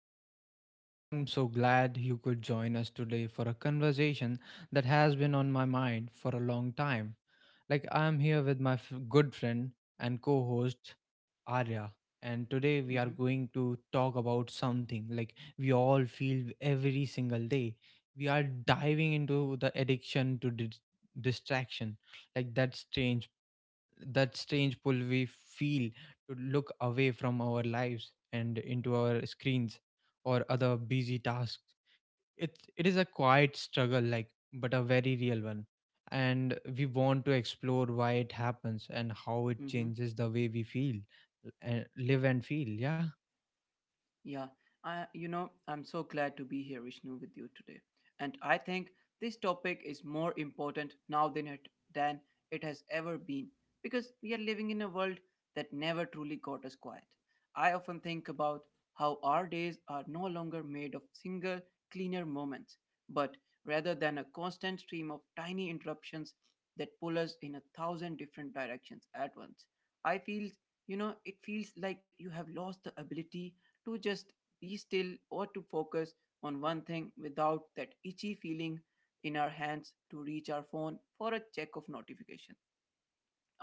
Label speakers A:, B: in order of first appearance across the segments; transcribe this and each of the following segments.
A: show. I am so glad you could join us today for a conversation that has been on my mind for a long time. I am here with my good friend and co host, Arya, and today we are
B: Mhm.
A: going to talk about something we all feel every single day. We are diving into the addiction to distraction, like that strange pull we feel to look away from our lives and into our screens or other busy tasks. It is a quiet struggle, but a very real one, and we want to explore why it happens and how it
B: Mhm.
A: changes the way we feel and live and feel yeah,
B: Yeah, I'm so glad to be here, Vishnu, with you today. And I think this topic is more important now than it has ever been because we are living in a world that never truly got us quiet. I often think about how our days are no longer made of single, cleaner moments, but rather than a constant stream of tiny interruptions that pull us in a thousand different directions at once. I feel, you know, It feels like you have lost the ability to just be still or to focus on one thing without that itchy feeling in our hands to reach our phone for a check of notifications.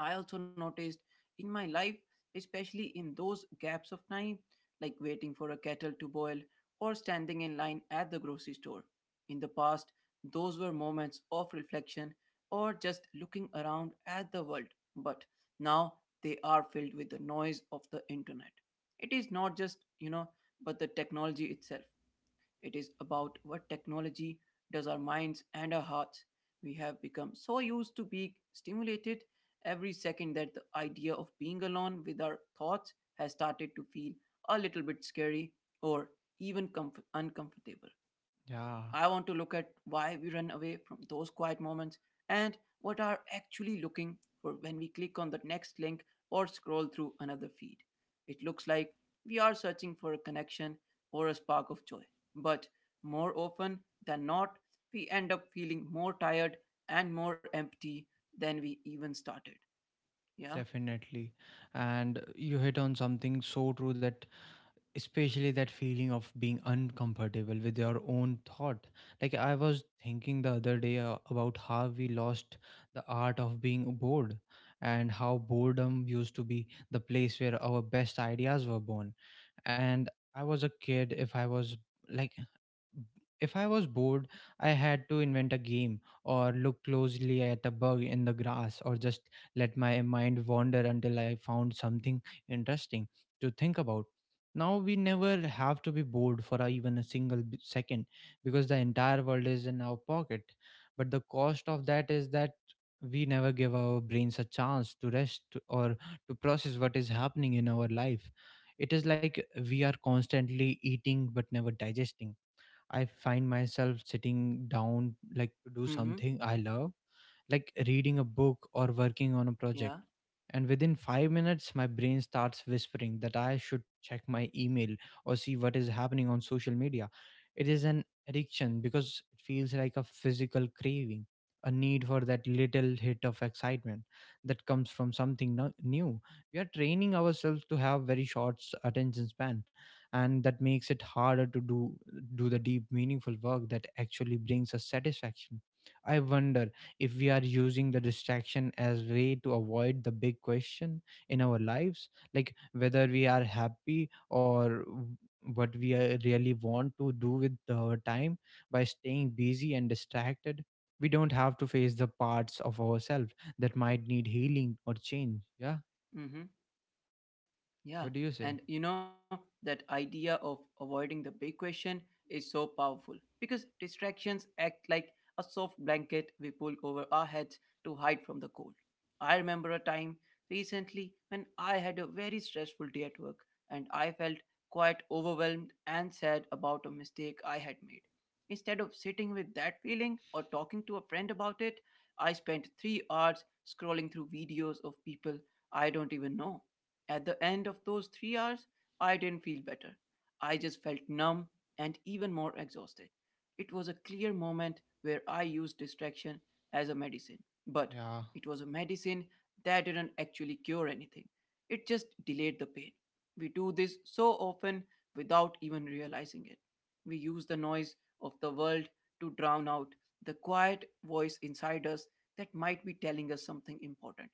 B: I also noticed in my life, especially in those gaps of time, like waiting for a kettle to boil or standing in line at the grocery store. In the past, those were moments of reflection or just looking around at the world, but now they are filled with the noise of the internet. It is not just, you know, But the technology itself. It is about what technology does our minds and our hearts. We have become so used to being stimulated every second that the idea of being alone with our thoughts has started to feel a little bit scary or even uncomfortable.
A: yeah,
B: I want to look at why we run away from those quiet moments and what are actually looking for when we click on the next link or scroll through another feed. It looks like we are searching for a connection or a spark of joy, but more often than not, we end up feeling more tired and more empty than we even started. Yeah.
A: definitely. And you hit on something so true, that especially that feeling of being uncomfortable with your own thought. Like, I was thinking the other day about how we lost the art of being bored and how boredom used to be the place where our best ideas were born. And I was a kid if I was like if I was bored, I had to invent a game or look closely at a bug in the grass, or just let my mind wander until I found something interesting to think about. Now we never have to be bored for even a single second, because the entire world is in our pocket. But the cost of that is that we never give our brains a chance to rest or to process what is happening in our life. It is like we are constantly eating but never digesting. I find myself sitting down, like, to do something I
B: Mm-hmm.
A: love, like reading a book or working on a project.
B: Yeah.
A: And within 5 minutes, my brain starts whispering that I should check my email or see what is happening on social media. It is an addiction because it feels like a physical craving, a need for that little hit of excitement that comes from something new. We are training ourselves to have very short attention span, and that makes it harder to do the deep meaningful work that actually brings us satisfaction. I wonder if we are using the distraction as way to avoid the big question in our lives, like whether we are happy or what we really want to do with our time. By staying busy and distracted, we don't have to face the parts of ourselves that might need healing or change. Yeah,
B: Mm-hmm.
A: what do you
B: Yeah,
A: say?
B: and that idea of avoiding the big question is so powerful because distractions act like a soft blanket we pull over our heads to hide from the cold. I remember a time recently when I had a very stressful day at work and I felt quite overwhelmed and sad about a mistake I had made. Instead of sitting with that feeling or talking to a friend about it, I spent 3 hours scrolling through videos of people I don't even know at the end of those 3 hours, I didn't feel better. I just felt numb and even more exhausted. It was a clear moment where I used distraction as a medicine, but
A: Yeah,
B: it was a medicine that didn't actually cure anything. It just delayed the pain. We do this so often without even realizing it. We use the noise of the world to drown out the quiet voice inside us that might be telling us something important.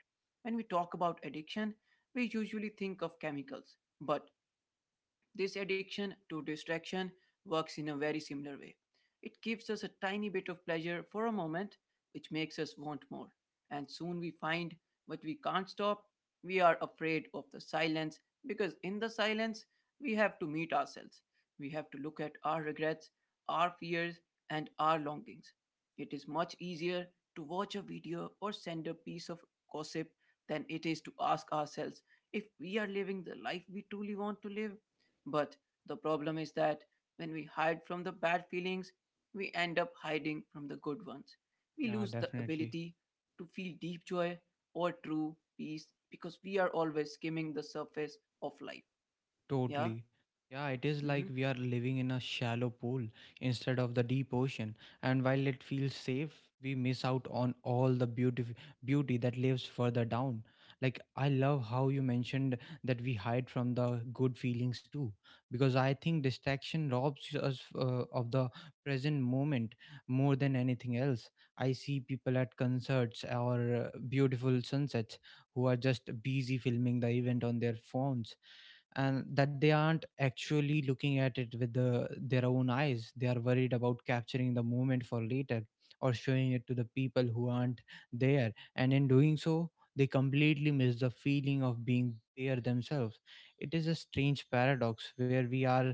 B: When we talk about addiction, we usually think of chemicals, but this addiction to distraction works in a very similar way. It gives us a tiny bit of pleasure for a moment, which makes us want more. And soon we find what we can't stop. We are afraid of the silence because in the silence, we have to meet ourselves. We have to look at our regrets, our fears, and our longings. It is much easier to watch a video or send a piece of gossip than it is to ask ourselves if we are living the life we truly want to live, but the problem is that when we hide from the bad feelings, we end up hiding from the good ones. We
A: yeah,
B: lose the
A: definitely.
B: ability to feel deep joy or true peace because we are always skimming the surface of life. Yeah?
A: Totally. Yeah, it is like
B: Mm-hmm.
A: we are living in a shallow pool instead of the deep ocean. And while it feels safe, we miss out on all the beauty that lives further down. Like, I love how you mentioned that we hide from the good feelings too, because I think distraction robs us of the present moment more than anything else. I see people at concerts or beautiful sunsets who are just busy filming the event on their phones, and that they aren't actually looking at it with their own eyes. They are worried about capturing the moment for later or showing it to the people who aren't there, and in doing so they completely miss the feeling of being there themselves. It is a strange paradox where we are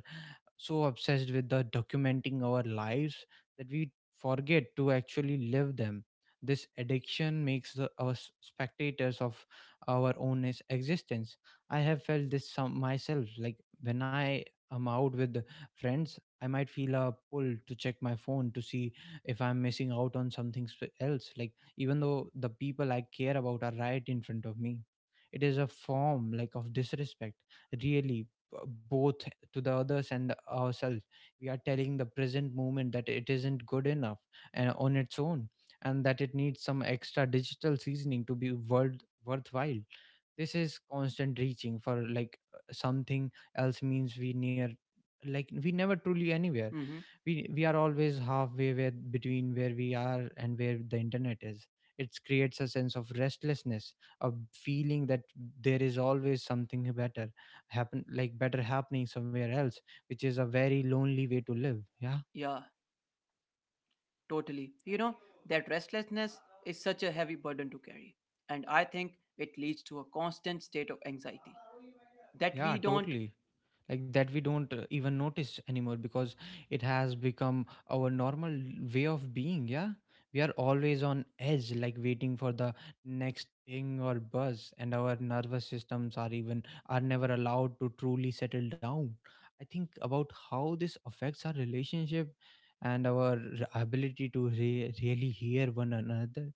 A: so obsessed with the documenting our lives that we forget to actually live them. This addiction makes us spectators of our own existence. I have felt this some myself. Like, when I am out with friends, I might feel a pull to check my phone to see if I'm missing out on something else. Like, even though the people I care about are right in front of me, it is a form, like, of disrespect. Really, both to the others and ourselves. We are telling the present moment that it isn't good enough and on its own, and that it needs some extra digital seasoning to be worthwhile. This is constant reaching for, like, something else means we near like we never truly anywhere.
B: Mm-hmm.
A: We are always halfway between where we are and where the internet is. It creates a sense of restlessness, a feeling that there is always something better happen like better happening somewhere else, which is a very lonely way
B: Yeah,
A: to live. Yeah,
B: totally. That restlessness is such a heavy burden to carry. And I think it leads to a constant state of anxiety that we don't.
A: yeah, totally. Like, that we don't even notice anymore because it has become our normal way of being. Yeah, we are always on edge, like waiting for the next ping or buzz, and our nervous systems are even are never allowed to truly settle down. I think about how this affects our relationship and our ability to really hear one another.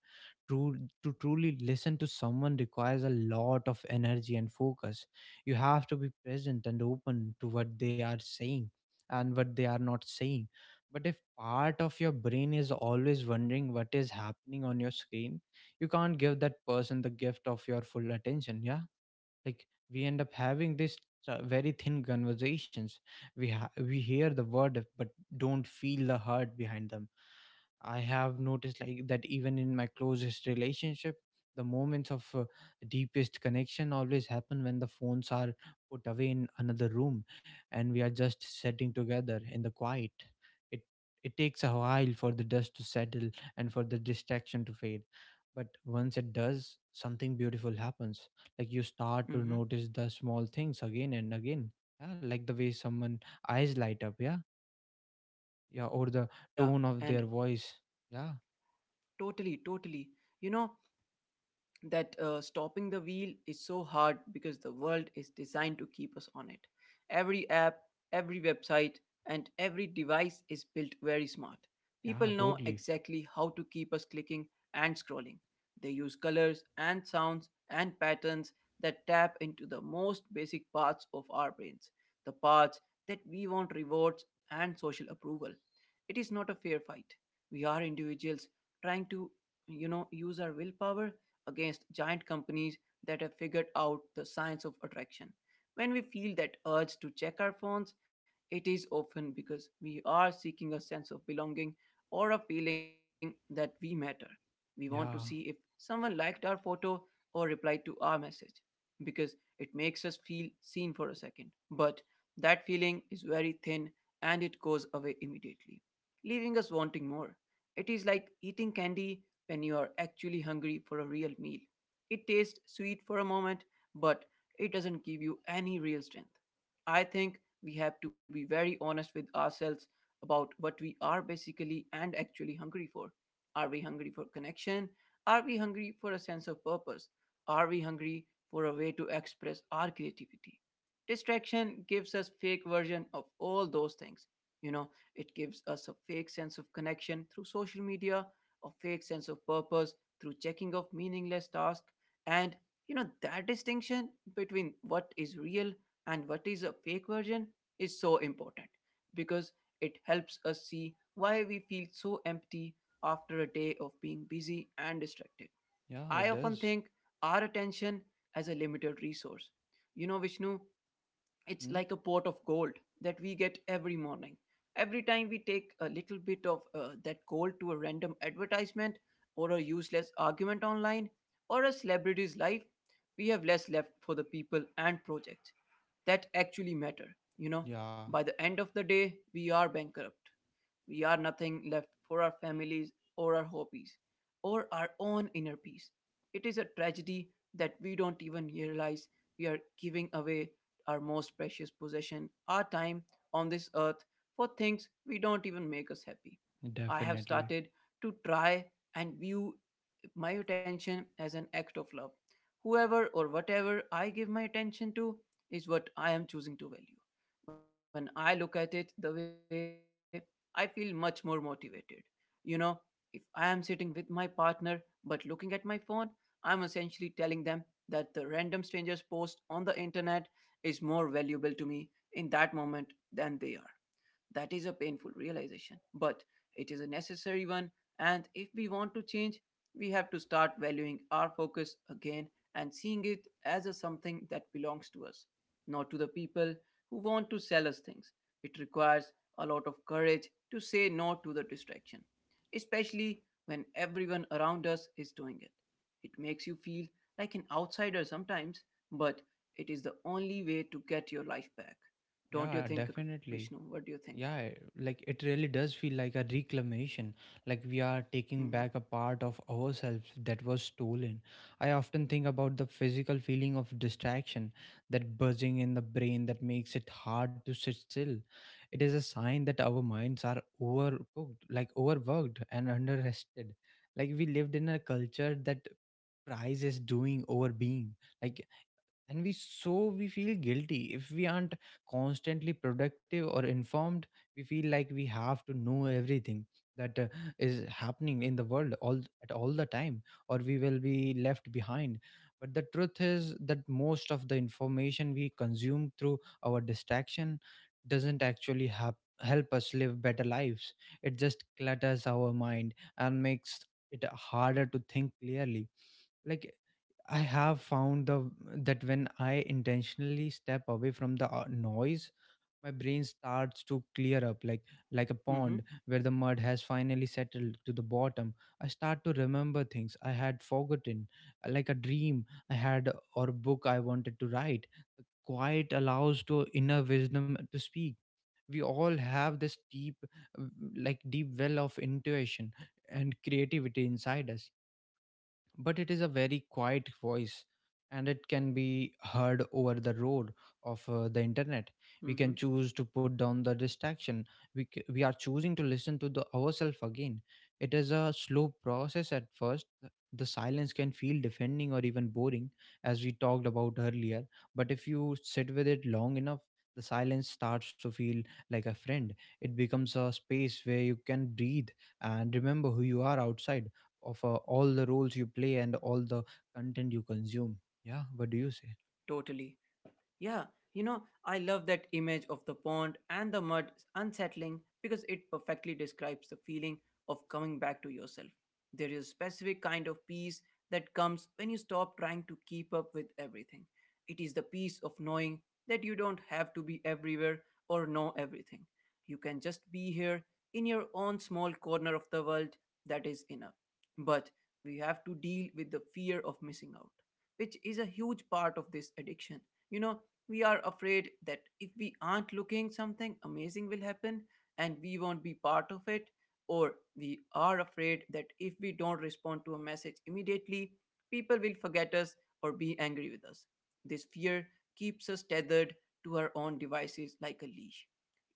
A: True To truly listen to someone requires a lot of energy and focus. You have to be present and open to what they are saying and what they are not saying. But if part of your brain is always wondering what is happening on your screen, you can't give that person the gift of your full attention. Yeah, like, we end up having this very thin conversations. We hear the word but don't feel the heart behind them. I have noticed, like, that even in my closest relationship, the moments of deepest connection always happen when the phones are put away in another room and we are just sitting together in the quiet. It it takes a while for the dust to settle and for the distraction to fade, but once it does, something beautiful happens. Like, you start to
B: Mm-hmm.
A: notice the small things again. Yeah, like the way someone eyes light up. Yeah, yeah, or the
B: Yeah,
A: tone of
B: and
A: their voice. Yeah,
B: totally, totally. You know, that stopping the wheel is so hard because the world is designed to keep us on it. Every app, every website, and every device is built very smart. People
A: yeah,
B: know
A: totally.
B: exactly how to keep us clicking and scrolling. They use colors and sounds and patterns that tap into the most basic parts of our brains, the parts that we want rewards and social approval. It is not a fair fight. We are individuals trying to use our willpower against giant companies that have figured out the science of attraction. When we feel that urge to check our phones, it is often because we are seeking a sense of belonging or a feeling that we matter. We want to see if
A: Yeah,
B: someone liked our photo or replied to our message because it makes us feel seen for a second. But that feeling is very thin and it goes away immediately, leaving us wanting more. It is like eating candy when you are actually hungry for a real meal. It tastes sweet for a moment, but it doesn't give you any real strength. I think we have to be very honest with ourselves about what we are basically and actually hungry for. Are we hungry for connection? Are we hungry for a sense of purpose? Are we hungry for a way to express our creativity? Distraction gives us fake version of all those things. You know, it gives us a fake sense of connection through social media, a fake sense of purpose through checking off meaningless tasks. And that distinction between what is real and what is a fake version is so important because it helps us see why we feel so empty after a day of being busy and distracted.
A: yeah, it
B: I often
A: does.
B: think our attention as a limited resource. You know, Vishnu, it's
A: Hmm?
B: like a pot of gold that we get every morning. Every time we take a little bit of that gold to a random advertisement or a useless argument online or a celebrity's life, we have less left for the people and projects that actually matter. You know,
A: Yeah,
B: by the end of the day, we are bankrupt. We are nothing left for our families or our hobbies or our own inner peace. It is a tragedy that we don't even realize we are giving away our most precious possession, our time on this earth, for things we don't even make us happy. I have
A: definitely.
B: started to try and view my attention as an act of love. Whoever or whatever I give my attention to is what I am choosing to value. When I look at it the way, I feel much more motivated. You know, if I am sitting with my partner but looking at my phone, I'm essentially telling them that the random stranger's post on the internet is more valuable to me in that moment than they are. That is a painful realization, but it is a necessary one. And if we want to change, we have to start valuing our focus again and seeing it as a something that belongs to us, not to the people who want to sell us things. It requires a lot of courage to say no to the distraction, especially when everyone around us is doing it. It makes you feel like an outsider sometimes, but it is the only way to get your life back. Don't
A: Yeah,
B: you think
A: definitely.
B: Vishnu, what do you think?
A: Yeah, like it really does feel like a reclamation, like we are taking
B: Mm-hmm.
A: back a part of ourselves that was stolen. I often think about the physical feeling of distraction, that buzzing in the brain that makes it hard to sit still. It is a sign that our minds are overcooked, like overworked and underrested. Like, we lived in a culture that prizes doing over being. Like, and we so we feel guilty if we aren't constantly productive or informed. We feel like we have to know everything that is happening in the world all at all the time, or we will be left behind. But the truth is that most of the information we consume through our distraction doesn't actually hap help us live better lives. It just clutters our mind and makes it harder to think clearly. Like, I have found the that when I intentionally step away from the noise, my brain starts to clear up, like a pond
B: Mm-hmm.
A: where the mud has finally settled to the bottom. I start to remember things I had forgotten, like a dream I had or a book I wanted to write. Quiet allows to inner wisdom to speak. We all have this uh, deep well of intuition and creativity inside us, but it is a very quiet voice, and it can be heard over the road of the internet.
B: Mm-hmm.
A: We can choose to put down the distraction. We are choosing to listen to the ourselves again. It is a slow process at first. The silence can feel defending or even boring, as we talked about earlier, but if you sit with it long enough, the silence starts to feel like a friend. It becomes a space where you can breathe and remember who you are outside of all the roles you play and all the content you consume. Yeah, what do you say?
B: Totally. Yeah, I love that image of the pond and the mud unsettling because it perfectly describes the feeling of coming back to yourself. There is a specific kind of peace that comes when you stop trying to keep up with everything. It is the peace of knowing that you don't have to be everywhere or know everything. You can just be here in your own small corner of the world, that is enough. But we have to deal with the fear of missing out, which is a huge part of this addiction. you know, we are afraid that if we aren't looking, something amazing will happen and we won't be part of it. Or we are afraid that if we don't respond to a message immediately, people will forget us or be angry with us. This fear keeps us tethered to our own devices like a leash.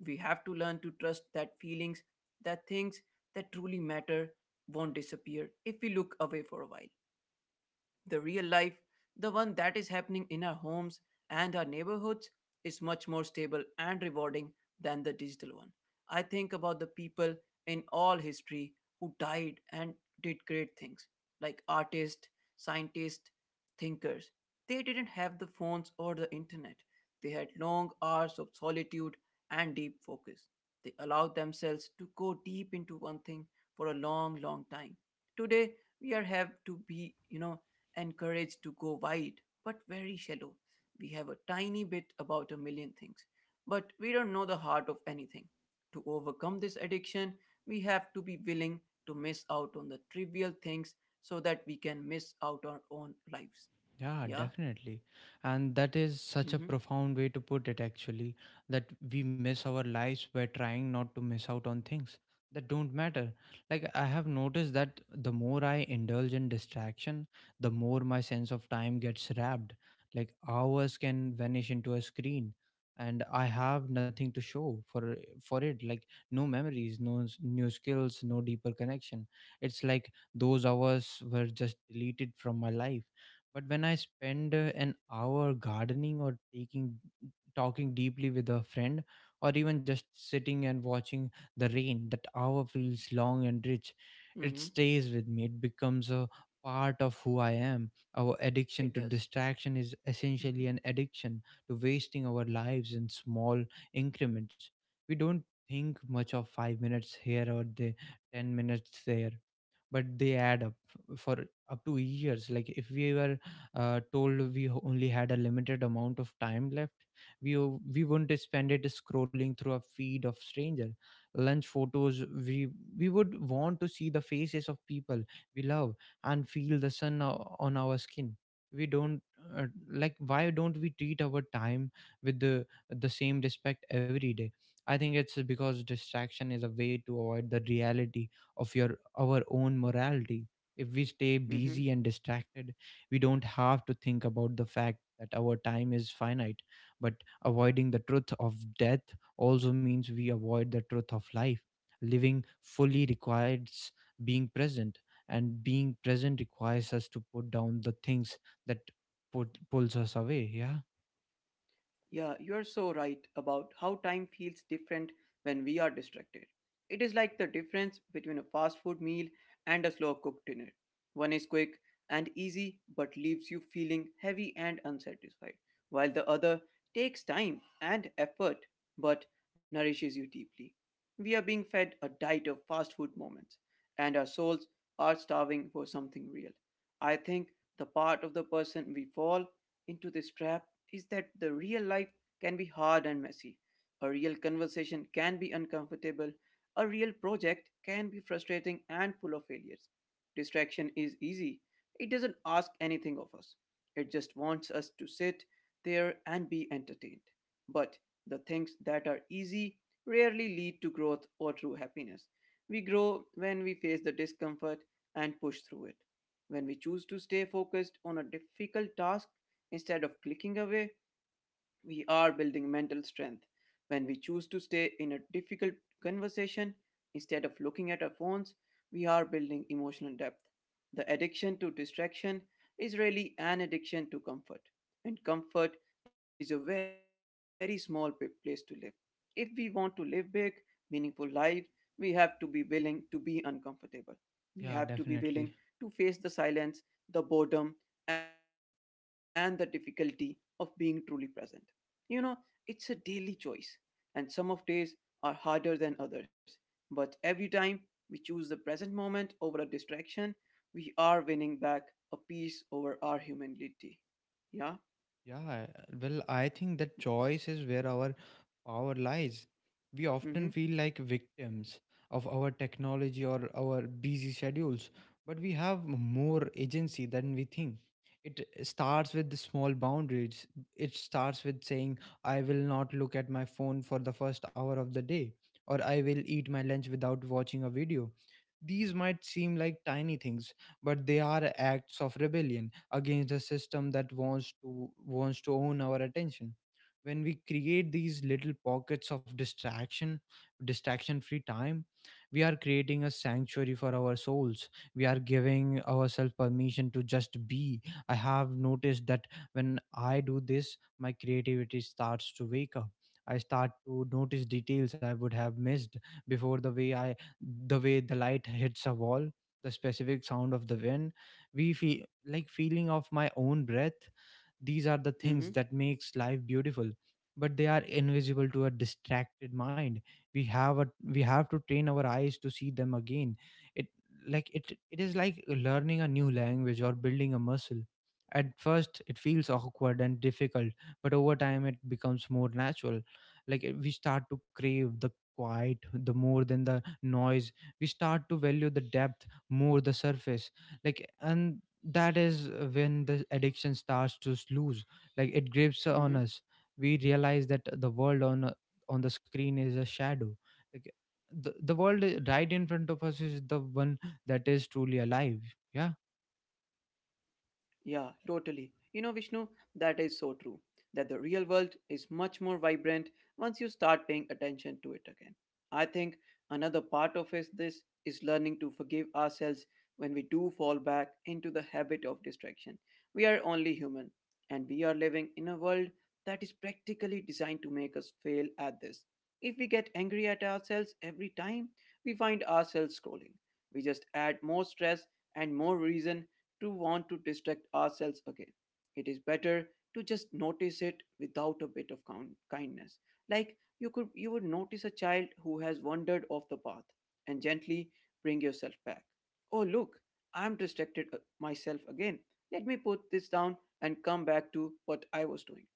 B: We have to learn to trust that feelings, that things that truly matter, won't disappear if we look away for a while. The real life, the one that is happening in our homes and our neighborhoods, is much more stable and rewarding than the digital one. I think about the people in all history who died and did great things, like artists, scientists, thinkers. They didn't have the phones or the internet. They had long hours of solitude and deep focus. They allowed themselves to go deep into one thing for a long, long time. Today, we are have to be encouraged to go wide but very shallow. We have a tiny bit about a million things, but we don't know the heart of anything. To overcome this addiction, we have to be willing to miss out on the trivial things so that we can miss out our own lives.
A: Yeah,
B: Yeah?
A: definitely. And that is such
B: Mm
A: a
B: hmm.
A: profound way to put it, actually, that we miss our lives by trying not to miss out on things that don't matter. Like, I have noticed that the more I indulge in distraction, the more my sense of time gets wrapped. Like, hours can vanish into a screen and I have nothing to show for it. Like, no memories, no new skills, no deeper connection. It's like those hours were just deleted from my life. But when I spend an hour gardening or taking talking deeply with a friend, or even just sitting and watching the rain, that hour feels long and rich.
B: Mm
A: It
B: hmm.
A: stays with me. It becomes a part of who I am. Our addiction to
B: It does.
A: distraction is essentially
B: Mm
A: an addiction to wasting our lives in small increments. We don't think much of 5 minutes here or the 10 minutes there, but they add up for up to years. Like, if we were told we only had a limited amount of time left, we wouldn't spend it scrolling through a feed of stranger lunch photos. We would want to see the faces of people we love and feel the sun on our skin. We don't Like, why don't we treat our time with the same respect every day? I think it's because distraction is a way to avoid the reality of your our own morality. If we stay busy
B: hmm.
A: and distracted, we don't have to think about the fact that our time is finite. But avoiding the truth of death also means we avoid the truth of life. Living fully requires being present, and being present requires us to put down the things that pulls us away. Yeah.
B: Yeah, you're so right about how time feels different when we are distracted. It is like the difference between a fast food meal and a slow cooked dinner. One is quick and easy but leaves you feeling heavy and unsatisfied, while the other takes time and effort but nourishes you deeply. We are being fed a diet of fast food moments, and our souls are starving for something real. I think the part of the person we fall into this trap is that the real life can be hard and messy. A real conversation can be uncomfortable. A real project can be frustrating and full of failures. Distraction is easy. It doesn't ask anything of us. It just wants us to sit there and be entertained. But the things that are easy rarely lead to growth or true happiness. We grow when we face the discomfort and push through it. When we choose to stay focused on a difficult task instead of clicking away, we are building mental strength when we choose to stay in a difficult conversation instead of looking at our phones. We are building emotional depth. The addiction to distraction is really an addiction to comfort, and comfort is a very small place to live. If we want to live big, meaningful lives, we have to be willing to be uncomfortable. We have to be
A: Yeah,
B: willing to
A: definitely.
B: face the silence, the boredom, and the difficulty of being truly present. You know, it's a daily choice, and some of days are harder than others. But every time we choose the present moment over a distraction, we are winning back a piece over our humanity. Yeah.
A: Yeah, well, I think that choice is where our power lies. We
B: Mhm.
A: often feel like victims of our technology or our busy schedules, but we have more agency than we think. It starts with the small boundaries. It starts with saying, I will not look at my phone for the first hour of the day, or I will eat my lunch without watching a video. These might seem like tiny things, but they are acts of rebellion against the system that wants to own our attention. When we create these little pockets of distraction free time, we are creating a sanctuary for our souls. We are giving ourselves permission to just be. I have noticed that when I do this, my creativity starts to wake up. I start to notice details I would have missed before. The way i The way the light hits a wall, the specific sound of the wind, we feel like feeling of my own breath. These are the things
B: Mhm.
A: that makes life beautiful, but they are invisible to a distracted mind. We have a We have to train our eyes to see them again. It like it it is like learning a new language or building a muscle. At first it feels awkward and difficult, but over time it becomes more natural. We start to crave the quiet the more than the noise. We start to value the depth more the surface. And that is when the addiction starts to lose, like it grips on
B: Mhm.
A: us. We realize that the world on the screen is a shadow. Like, the world right in front of us is the one that is truly alive. Yeah.
B: Yeah, totally. You know, Vishnu, that is so true. That the real world is much more vibrant once you start paying attention to it again. I think another part of is this is learning to forgive ourselves when we do fall back into the habit of distraction. We are only human, and we are living in a world that is practically designed to make us fail at this. If we get angry at ourselves every time we find ourselves scrolling, we just add more stress and more reason to want to distract ourselves again. It is better to just notice it without a bit of count, kindness. Like you would notice a child who has wandered off the path and gently bring yourself back. Oh look, I'm distracted myself again. Let me put this down and come back to what I was doing.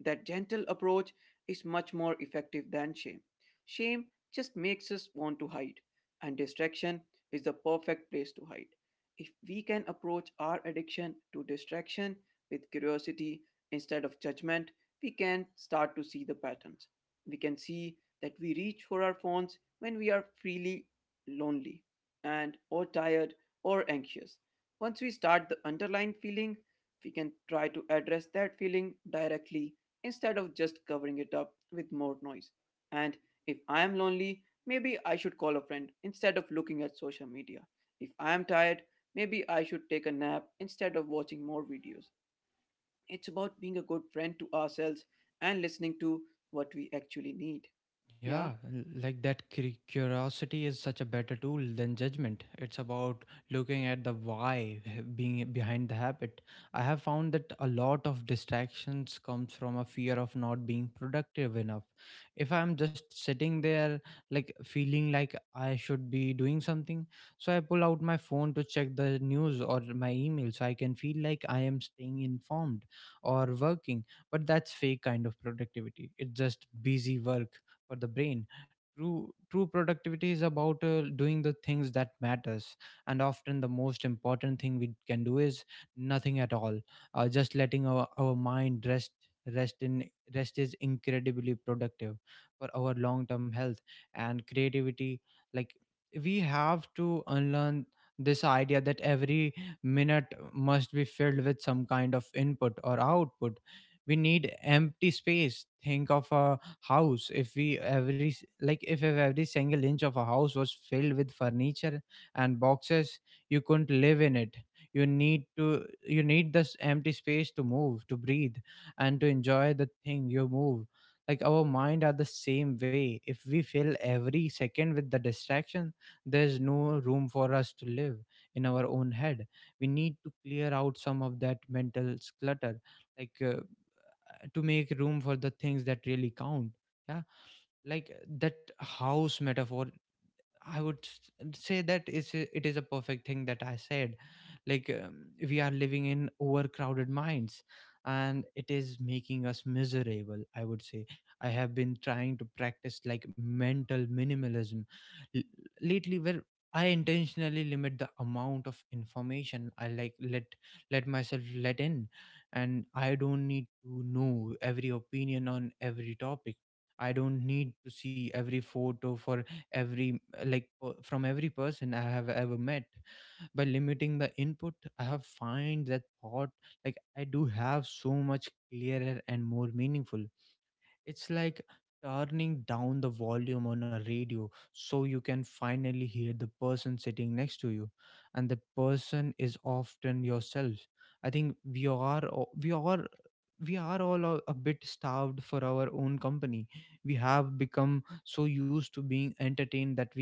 B: That gentle approach is much more effective than shame. Shame just makes us want to hide, and distraction is the perfect place to hide. If we can approach our addiction to distraction with curiosity instead of judgment, we can start to see the patterns. We can see that we reach for our phones when we are freely lonely and or tired or anxious. Once we start the underlying feeling, we can try to address that feeling directly instead of just covering it up with more noise. And if I am lonely, maybe I should call a friend instead of looking at social media. If I am tired, maybe I should take a nap instead of watching more videos. It's about being a good friend to ourselves and listening to what we actually need.
A: Yeah,
B: Yeah.
A: like that curiosity is such a better tool than judgment. It's about looking at the why being behind the habit. I have found that a lot of distractions comes from a fear of not being productive enough. If I'm just sitting there like feeling like I should be doing something, so I pull out my phone to check the news or my email so I can feel like I am staying informed or working. But that's fake kind of productivity. It's just busy work for the brain. True productivity is about doing the things that matters, and often the most important thing we can do is nothing at all. Just letting our mind rest, rest in rest is incredibly productive for our long term health and creativity. Like, we have to unlearn this idea that every minute must be filled with some kind of input or output. We need empty space. Think of a house. If we every s- like if every single inch of a house was filled with furniture and boxes, you couldn't live in it. You need this empty space to move, to breathe, and to enjoy the thing you move. Like, our mind are the same way. If we fill every second with the distraction, there's no room for us to live in our own head. We need to clear out some of that mental clutter, like uh, to make room for the things that really count. Yeah. Like that house metaphor, I would say that is it is a perfect thing that I said. Like we are living in overcrowded minds, and it is making us miserable. I would say I have been trying to practice like mental minimalism, l- lately, where I intentionally limit the amount of information I let myself let in, and I don't need to know every opinion on every topic. I don't need to see every photo for every from every person I have ever met. By limiting the input, I have find that thought, like, I do have so much clearer and more meaningful. It's like turning down the volume on a radio so you can finally hear the person sitting next to you, and the person is often yourself. I think we are all a bit starved for our own company. We have become so used to being entertained that we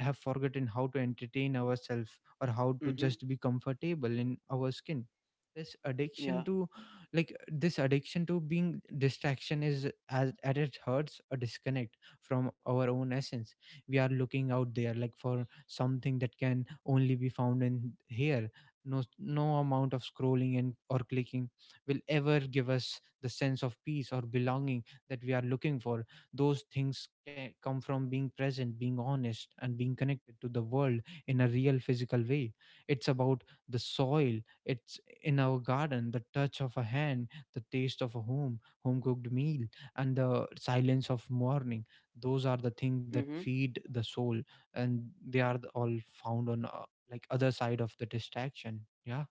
A: have forgotten how to entertain ourselves or how to
B: Mm-hmm.
A: just be comfortable in our skin. This
B: Yeah.
A: addiction to Like, this addiction to being distraction is as at its hurts a disconnect from our own essence. We are looking out there like for something that can only be found in here. No No amount of scrolling and or clicking will ever give us the sense of peace or belonging that we are looking for. Those things come from being present, being honest, and being connected to the world in a real physical way. It's about the soil. It's in our garden, the touch of a hand, the taste of a home, home cooked meal, and the silence of morning. Those are the things that
B: Mm-hmm.
A: feed the soul, and they are all found on like other side of the distraction. Yeah.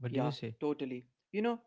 A: What do you
B: Yeah.
A: say?
B: Totally. You know,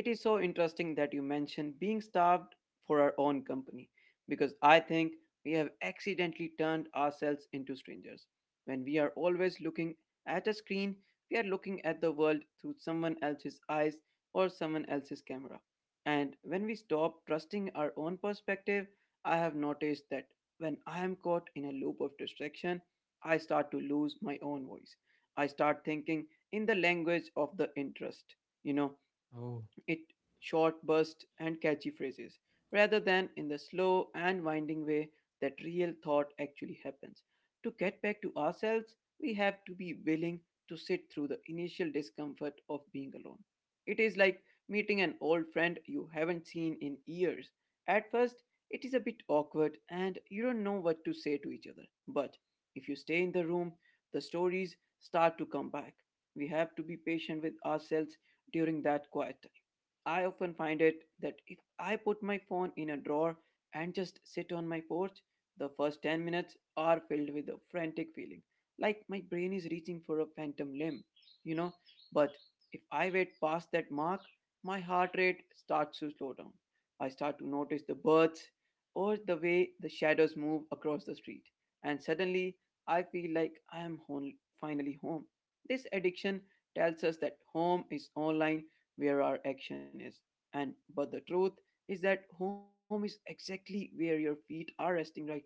B: it is so interesting that you mentioned being starved for our own company because I think we have accidentally turned ourselves into strangers. When we are always looking at a screen, we are looking at the world through someone else's eyes or someone else's camera. And when we stop trusting our own perspective, I have noticed that when I am caught in a loop of distraction, I start to lose my own voice. I start thinking in the language of the interest. You know,
A: Oh,
B: it short bursts and catchy phrases rather than in the slow and winding way that real thought actually happens to get back to ourselves. We have to be willing to sit through the initial discomfort of being alone. It is like meeting an old friend you haven't seen in years. At first it is a bit awkward and you don't know what to say to each other, but if you stay in the room the stories start to come back. We have to be patient with ourselves during that quiet time. I often find it that if I put my phone in a drawer and just sit on my porch, the first 10 minutes are filled with a frantic feeling, like my brain is reaching for a phantom limb, you know. But if I wait past that mark, my heart rate starts to slow down. I start to notice the birds or the way the shadows move across the street, and suddenly I feel like I am home, finally home. This addiction tells us that home is online where our action is. And but the truth is that home is exactly where your feet are resting right now.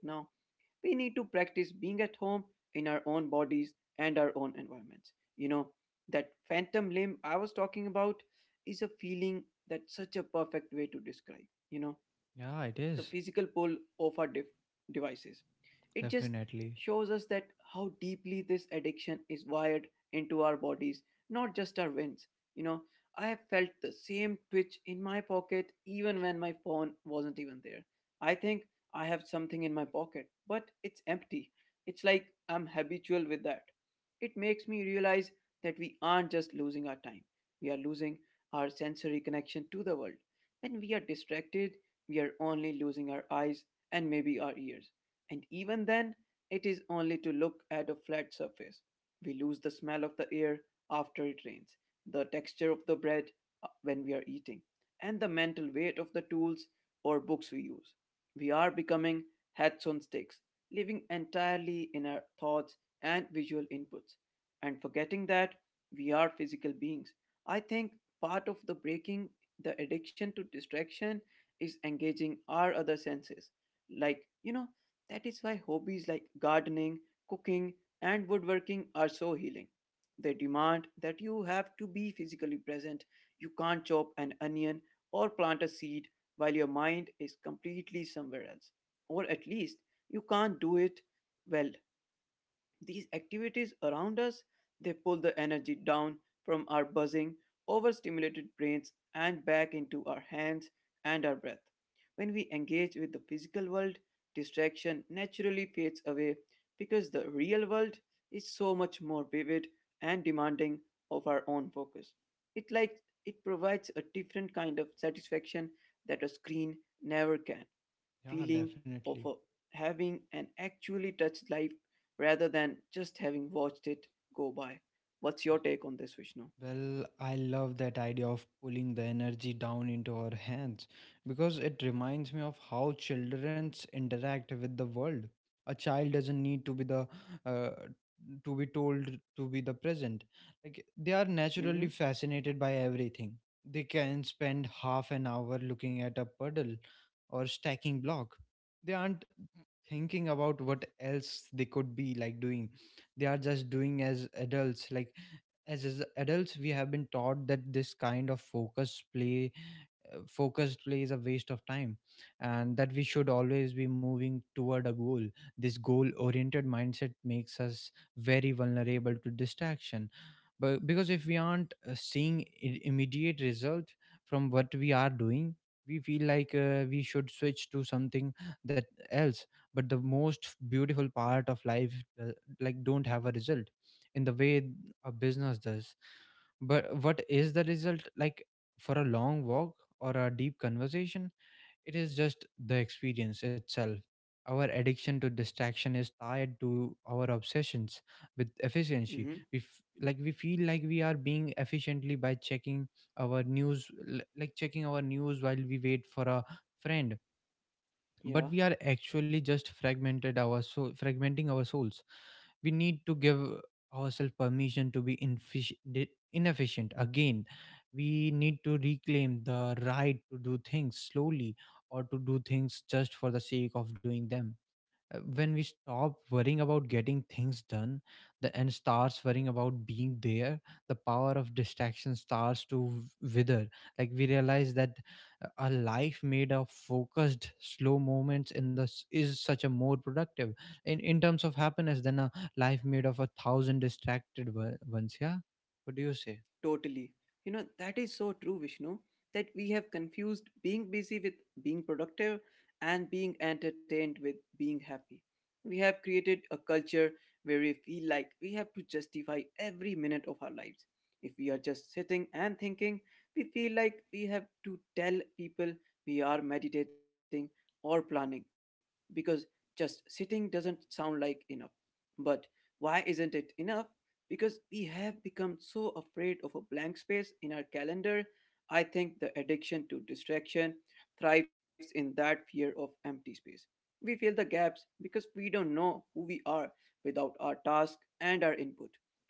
B: We need to practice being at home in our own bodies and our own environments. You know, that phantom limb I was talking about is a feeling that's such a perfect way to describe.
A: yeah, it
B: The
A: is
B: physical pull of our devices. It just
A: definitely.
B: shows us that how deeply this addiction is wired into our bodies, not just our veins. You know, I have felt the same twitch in my pocket even when my phone wasn't even there. I think I have something in my pocket, but it's empty. It's like I'm habitual with that. It makes me realize that we aren't just losing our time, we are losing our sensory connection to the world. When we are distracted, we are only losing our eyes and maybe our ears. And even then, it is only to look at a flat surface. We lose the smell of the air after it rains, the texture of the bread when we are eating, and the mental weight of the tools or books we use. We are becoming hats on sticks, living entirely in our thoughts and visual inputs, and forgetting that we are physical beings. I think part of the breaking the addiction to distraction is engaging our other senses. Like, that is why hobbies like gardening, cooking, and woodworking are so healing. They demand that you have to be physically present. You can't chop an onion or plant a seed while your mind is completely somewhere else. Or at least you can't do it well. These activities around us, they pull the energy down from our buzzing, overstimulated brains and back into our hands and our breath. When we engage with the physical world, distraction naturally fades away because the real world is so much more vivid and demanding of our own focus. It like it provides a different kind of satisfaction that a screen never can.
A: Yeah,
B: Feeling of
A: definitely.
B: having an actually touched life rather than just having watched it go by. What's your take on this, Vishnu?
A: Well, I love that idea of pulling the energy down into our hands because it reminds me of how childrens interact with the world. A child doesn't need to be uh, told to be the present. Like they are naturally
B: Mm-hmm.
A: fascinated by everything. They can spend half an hour looking at a puddle or stacking block. They aren't thinking about what else they could be like doing. They are just doing as adults, like as adults we have been taught that this kind of focused play is a waste of time and that we should always be moving toward a goal. This goal oriented mindset makes us very vulnerable to distraction, but because if we aren't seeing immediate result from what we are doing, we feel like we should switch to something that else. But the most beautiful part of life, uh, like, don't have a result in the way a business does. But what is the result, like, for a long walk or a deep conversation? It is just the experience itself. Our addiction to distraction is tied to our obsessions with efficiency.
B: Mm-hmm.
A: Like, we feel like we are being efficiently by checking our news, like checking our news while we wait for a friend, but
B: Yeah.
A: we are actually just fragmented our soul fragmenting our souls. We need to give ourselves permission to be inefficient again. We need to reclaim the right to do things slowly or to do things just for the sake of doing them. When we stop worrying about getting things done and starts worrying about being there, the power of distraction starts to wither. Like, we realize that a life made of focused slow moments in this is such a more productive in terms of happiness than a life made of a thousand distracted ones. Yeah. What do you say?
B: Totally. You know, that is so true, Vishnu, that we have confused being busy with being productive and being entertained with being happy. We have created a culture where we feel like we have to justify every minute of our lives. If we are just sitting and thinking, we feel like we have to tell people we are meditating or planning because just sitting doesn't sound like enough. But why isn't it enough? Because we have become so afraid of a blank space in our calendar, I think the addiction to distraction thrives in that fear of empty space. We fill the gaps because we don't know who we are without our task and our input.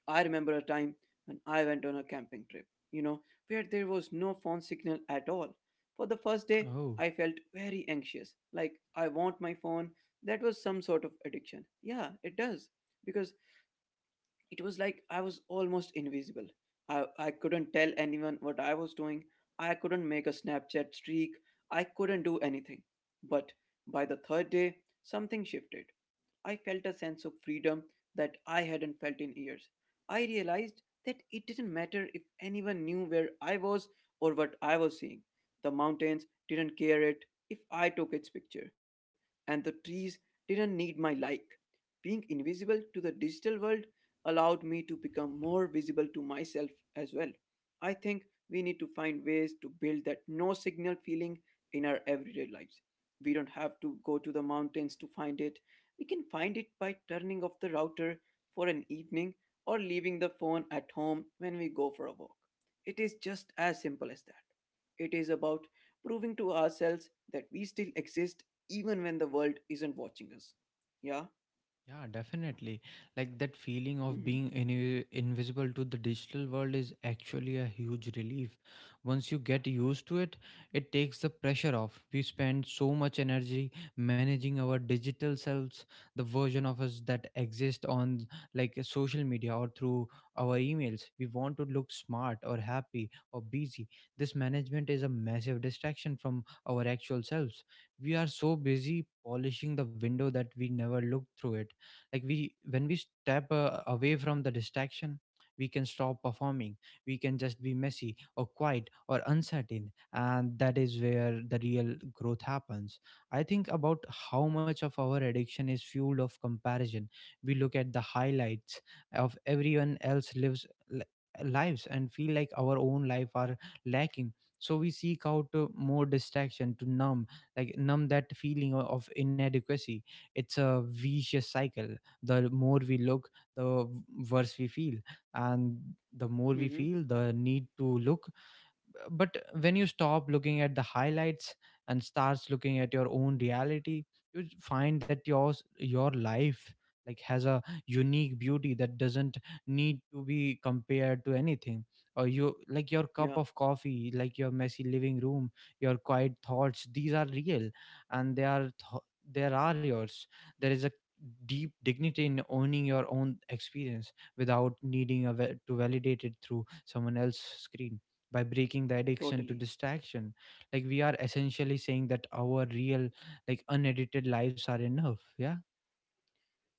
B: I remember a time when I went on a camping trip, you know, where there was no phone signal at all. For the first day, I felt very anxious, like I want my phone. That was some sort of addiction. Yeah, it does because it was like I was almost invisible. I couldn't tell anyone what I was doing. I couldn't make a Snapchat streak. I couldn't do anything. But by the third day, something shifted. I felt a sense of freedom that I hadn't felt in years. I realized that it didn't matter if anyone knew where I was or what I was seeing. The mountains didn't care it if I took its picture, and the trees didn't need my like being invisible to the digital world allowed me to become more visible to myself as well. I think we need to find ways to build that no signal feeling in our everyday lives. We don't have to go to the mountains to find it. We can find it by turning off the router for an evening or leaving the phone at home when we go for a walk. It is just as simple as that. It is about proving to ourselves that we still exist even when the world isn't watching us. Yeah?
A: Yeah, definitely. Like that feeling of
B: Mm-hmm.
A: being invisible to the digital world is actually a huge relief. Once you get used to it, it takes the pressure off. We spend so much energy managing our digital selves, the version of us that exist on like social media or through our emails. We want to look smart or happy or busy. This management is a massive distraction from our actual selves. We are so busy polishing the window that we never look through it, like we when we step away from the distraction. We can stop performing. We can just be messy or quiet or uncertain, and that is where the real growth happens. I think about how much of our addiction is fueled of comparison. We look at the highlights of everyone else lives, li- lives, and feel like our own life are lacking. So we seek out more distraction to numb, numb that feeling of inadequacy. It's a vicious cycle. The more we look, the worse we feel, and the more we
B: Mm-hmm.
A: feel the need to look. But when you stop looking at the highlights and starts looking at your own reality, you find that your life like has a unique beauty that doesn't need to be compared to anything, or you like your cup
B: Yeah,
A: of coffee, like your messy living room, your quiet thoughts. These are real, and there are yours. There is a deep dignity in owning your own experience without needing a to validate it through someone else's screen. By breaking the addiction to
B: totally.
A: distraction, like we are essentially saying that our real, like unedited, lives are enough, yeah.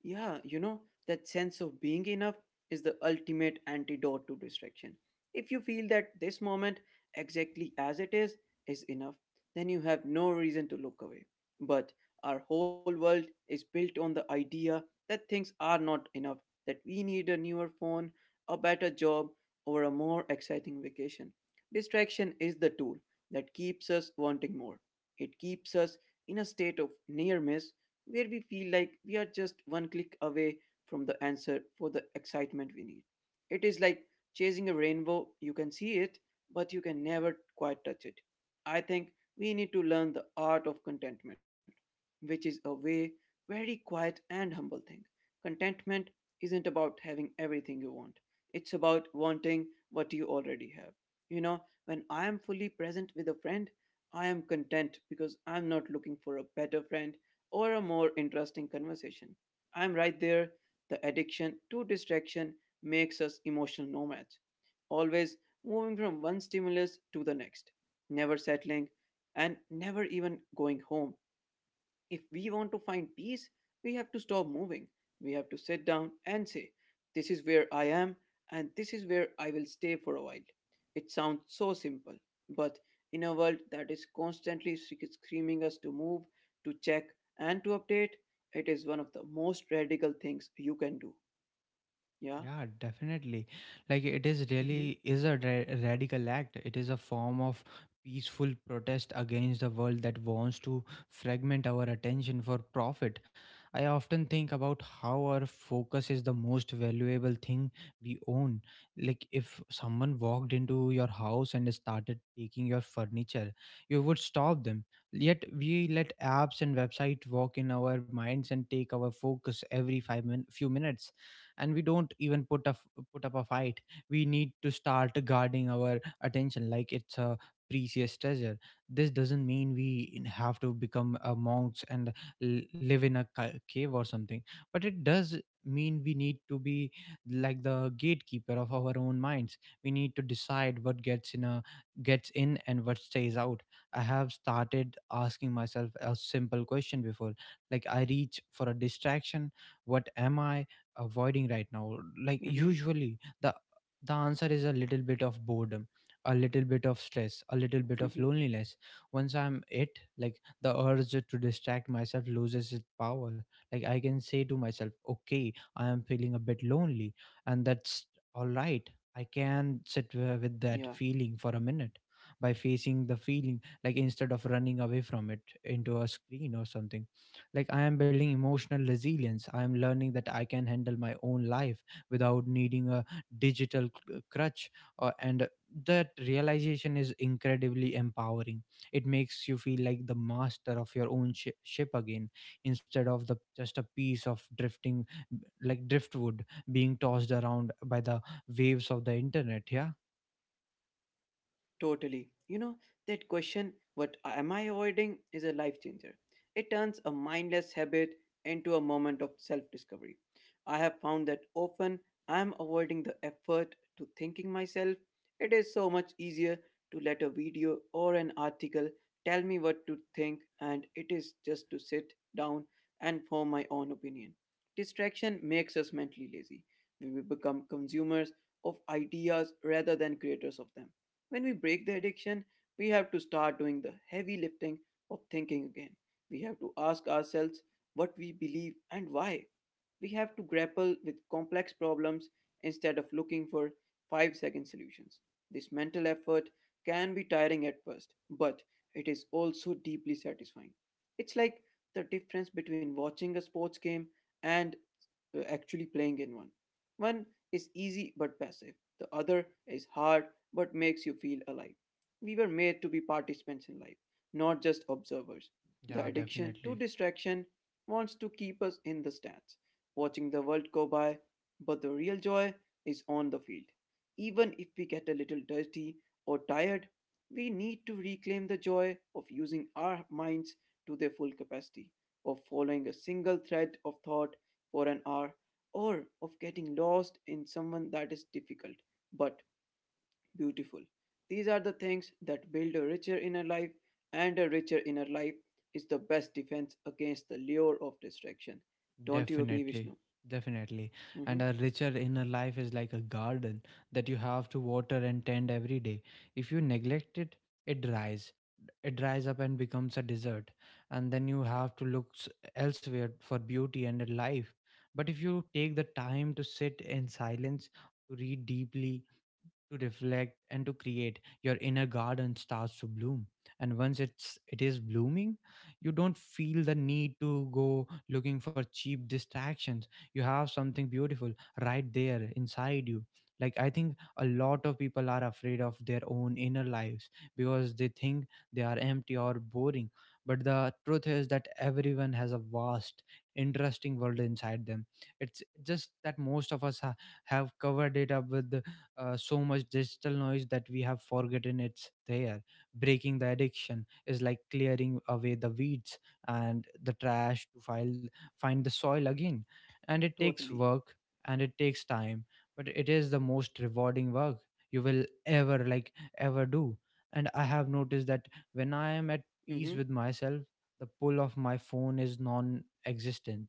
B: Yeah, you know, that sense of being enough is the ultimate antidote to distraction. If you feel that this moment, exactly as it is enough, then you have no reason to look away. But our whole world is built on the idea that things are not enough, that we need a newer phone, a better job, or a more exciting vacation. Distraction is the tool that keeps us wanting more. It keeps us in a state of near miss where we feel like we are just one click away from the answer for the excitement we need. It is like chasing a rainbow, you can see it, but you can never quite touch it. I think we need to learn the art of contentment, which is a way very quiet and humble thing. Contentment isn't about having everything you want. It's about wanting what you already have. You know, when I am fully present with a friend, I am content because I'm not looking for a better friend or a more interesting conversation. I'm right there. The addiction to distraction makes us emotional nomads, always moving from one stimulus to the next, never settling and never even going home. If we want to find peace, we have to stop moving. We have to sit down and say, this is where I am, and this is where I will stay for a while. It sounds so simple, but in a world that is constantly screaming us to move, to check, and to update, it is one of the most radical things you can do. Yeah?
A: Yeah, definitely. Like it is
B: Mm-hmm.
A: really is a radical act. It is a form of peaceful protest against the world that wants to fragment our attention for profit. I often think about how our focus is the most valuable thing we own. Like if someone walked into your house and started taking your furniture, you would stop them. Yet we let apps and websites walk in our minds and take our focus every few minutes, and we don't even put up a fight. We need to start guarding our attention like it's a precious treasure. This doesn't mean we have to become a monks and live in a cave or something, but it does mean we need to be like the gatekeeper of our own minds. We need to decide what gets in and what stays out. I have started asking myself a simple question before, like, I reach for a distraction. What am I avoiding right now?
B: Mm-hmm.
A: Like usually the answer is a little bit of boredom, a little bit of stress, a little
B: Mm-hmm.
A: bit of loneliness. Once I'm it, like the urge to distract myself loses its power. Like I can say to myself, okay, I am feeling a bit lonely, and that's all right. I can sit with that
B: Yeah.
A: feeling for a minute. By facing the feeling, like instead of running away from it into a screen or something, like I am building emotional resilience. I am learning that I can handle my own life without needing a digital crutch, or, and that realization is incredibly empowering. It makes you feel like the master of your own ship again, instead of the just a piece of drifting, like driftwood, being tossed around by the waves of the internet, yeah.
B: Totally. You know, that question, what am I avoiding, is a life changer. It turns a mindless habit into a moment of self discovery. I have found that often I am avoiding the effort to thinking myself. It is so much easier to let a video or an article tell me what to think, and it is just to sit down and form my own opinion. Distraction makes us mentally lazy. We will become consumers of ideas rather than creators of them when we break the addiction, we have to start doing the heavy lifting of thinking again. We have to ask ourselves what we believe and why. We have to grapple with complex problems instead of looking for 5-second solutions. This mental effort can be tiring at first, but it is also deeply satisfying. It's like the difference between watching a sports game and actually playing in one. One is easy but passive, the other is hard but makes you feel alive. We were made to be participants in life, not just observers. The
A: Yeah,
B: addiction to
A: definitely.
B: distraction wants to keep us in the stands, watching the world go by, but the real joy is on the field. Even if we get a little dirty or tired, we need to reclaim the joy of using our minds to their full capacity, of following a single thread of thought for an hour, or of getting lost in someone that is difficult but beautiful. These are the things that build a richer inner life, and a richer inner life is the best defense against the lure of distraction. Don't you agree,
A: Definitely,
B: Vishnu?
A: definitely.
B: Mm-hmm.
A: And a richer inner life is like a garden that you have to water and tend every day. If you neglect it, it dries. It dries up and becomes a desert. And then you have to look elsewhere for beauty and a life. But if you take the time to sit in silence, to read deeply, to reflect and to create, your inner garden starts to bloom. And once it is blooming, you don't feel the need to go looking for cheap distractions. You have something beautiful right there inside you. Like I think a lot of people are afraid of their own inner lives because they think they are empty or boring, but the truth is that everyone has a vast interesting world inside them. It's just that most of us have covered it up with so much digital noise that we have forgotten it's there. Breaking the addiction is like clearing away the weeds and the trash to file, find the soil again. And it takes work,
B: Totally.
A: and it takes time, but it is the most rewarding work you will ever do. And I have noticed that when I am at peace with
B: Mm-hmm.
A: myself, the pull of my phone is non existent.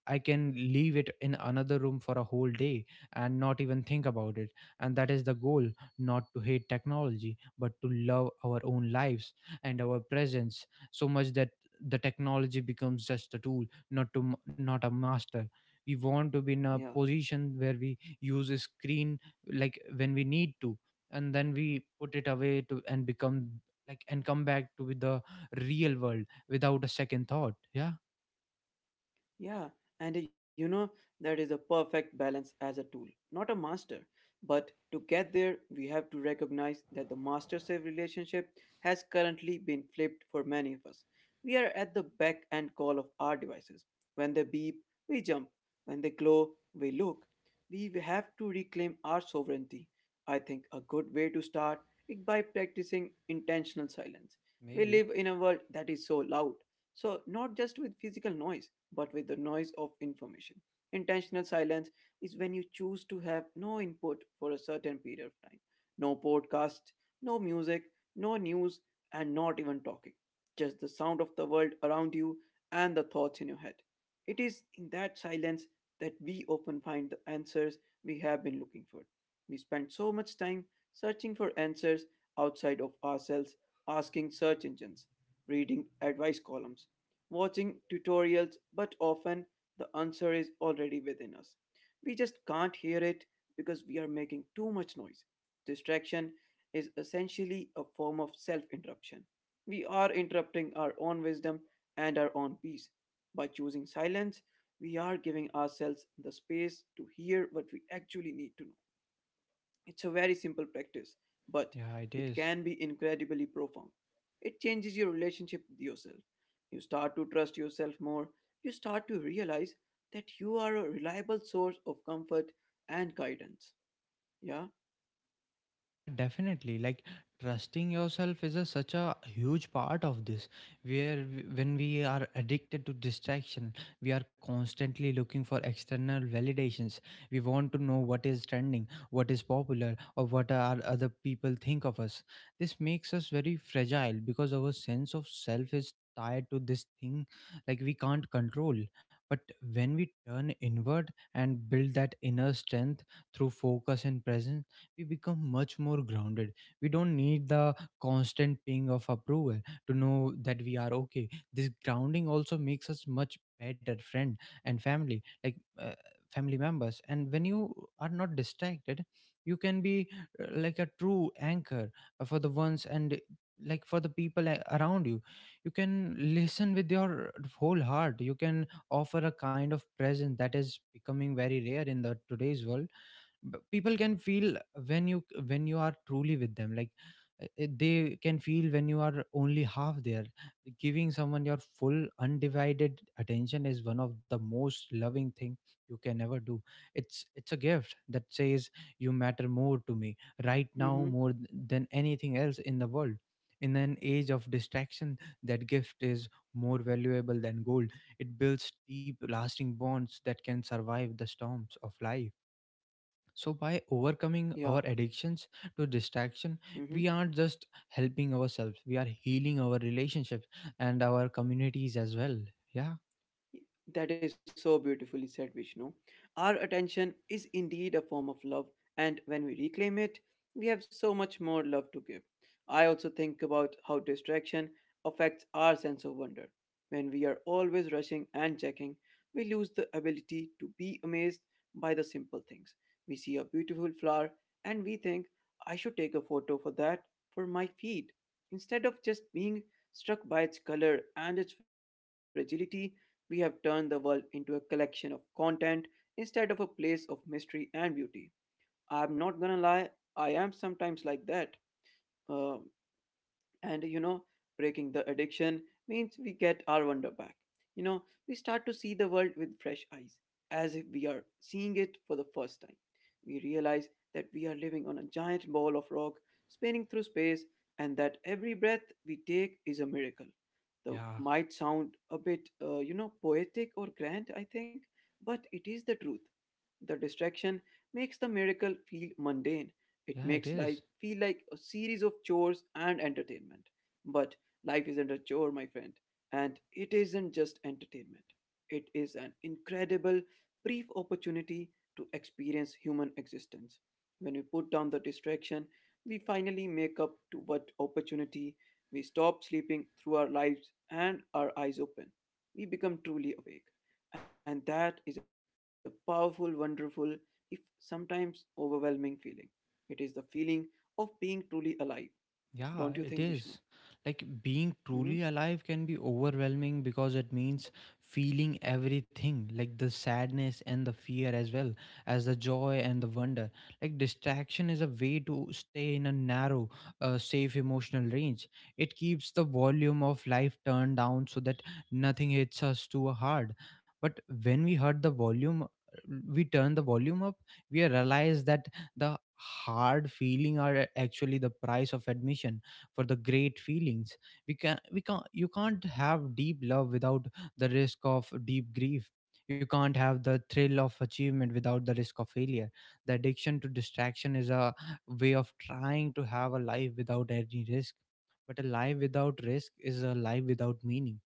A: I can leave it in another room for a whole day and not even think about it. And that is the goal, not to hate technology but to love our own lives and our presence so much that the technology becomes just a tool, not to m- not a master. We want to be in a
B: Yeah.
A: position where we use a screen like when we need to, and then we put it away to and become, like, and come back to with the real world without a second thought, yeah.
B: Yeah, and you know, that is a perfect balance as a tool, not a master. But to get there, we have to recognize that the master slave relationship has currently been flipped for many of us. We are at the beck and call of our devices. When they beep, we jump. When they glow, we look. We have to reclaim our sovereignty. I think a good way to start is by practicing intentional silence. We
A: Maybe.
B: live in a world that is so loud, so not just with physical noise but with the noise of information. Intentional silence is when you choose to have no input for a certain period of time. No podcast, no music, no news, and not even talking. Just the sound of the world around you and the thoughts in your head. It is in that silence that we often find the answers we have been looking for. We spend so much time searching for answers outside of ourselves, asking search engines, reading advice columns, watching tutorials, but often the answer is already within us. We just can't hear it because we are making too much noise. Distraction is essentially a form of self interruption. We are interrupting our own wisdom and our own peace. By choosing silence, we are giving ourselves the space to hear what we actually need to know. It's a very simple practice, but
A: Yeah, it
B: it
A: is.
B: can be incredibly profound. It changes your relationship with yourself. You start to trust yourself more. You start to realize that you are a reliable source of comfort and guidance. Yeah?
A: Yeah, definitely. Like trusting yourself is such a huge part of this. Where when we are addicted to distraction, we are constantly looking for external validations. We want to know what is trending, what is popular, or what are other people think of us. This makes us very fragile because our sense of self is tied to this thing like we can't control. But when we turn inward and build that inner strength through focus and presence, we become much more grounded. We don't need the constant ping of approval to know that we are okay. This grounding also makes us much better friend and family, like family members. And when you are not distracted, you can be, like a true anchor, for the ones and, like, for the people around you. You can listen with your whole heart. You can offer a kind of presence that is becoming very rare in the today's world. People can feel when you are truly with them, like they can feel when you are only half there. Giving someone your full undivided attention is one of the most loving thing you can ever do. It's a gift that says you matter more to me right
B: Mm
A: now
B: hmm.
A: more than anything else in the world. In an age of distraction, that gift is more valuable than gold. It builds deep lasting bonds that can survive the storms of life. So, by overcoming our
B: Yeah.
A: addictions to distraction,
B: Mm
A: we
B: hmm.
A: aren't just helping ourselves, we are healing our relationships and our communities as well. Yeah,
B: That is so beautifully said, Vishnu. Our attention is indeed a form of love, and when we reclaim it, we have so much more love to give. I also think about how distraction affects our sense of wonder. When we are always rushing and checking, we lose the ability to be amazed by the simple things. We see a beautiful flower and we think, I should take a photo for that for my feed. Instead of just being struck by its color and its fragility, we have turned the world into a collection of content instead of a place of mystery and beauty. I'm not gonna lie, I am sometimes like that. Uh, and you know, breaking the addiction means we get our wonder back. You know, we start to see the world with fresh eyes, as if we are seeing it for the first time. We realize that we are living on a giant ball of rock spinning through space, and that every breath we take is a miracle. The
A: yeah,
B: might sound a bit you know, poetic or grand, I think, but it is the truth. The distraction makes the miracle feel mundane. It
A: yeah, it
B: makes life
A: is.
B: feel like a series of chores and entertainment. But life isn't a chore, my friend. And it isn't just entertainment, it is an incredible, brief opportunity to experience human existence. When we put down the distraction, we finally make up to what opportunity we stop sleeping through our lives and our eyes open. We become truly awake. And that is a powerful, wonderful, if sometimes overwhelming feeling. It is the feeling of being truly alive,
A: Yeah, it
B: don't you think,
A: is.
B: Vishnu?
A: Like being truly
B: Mm-hmm.
A: alive can be overwhelming because it means feeling everything, like the sadness and the fear as well as the joy and the wonder. Like distraction is a way to stay in a narrow, safe emotional range. It keeps the volume of life turned down so that nothing hits us too hard. But when we hurt the volume, we turn the volume up, we realize that the hard feeling are actually the price of admission for the great feelings. We can't, you can't have deep love without the risk of deep grief. You can't have the thrill of achievement without the risk of failure. The addiction to distraction is a way of trying to have a life without any risk, but a life without risk is a life without meaning.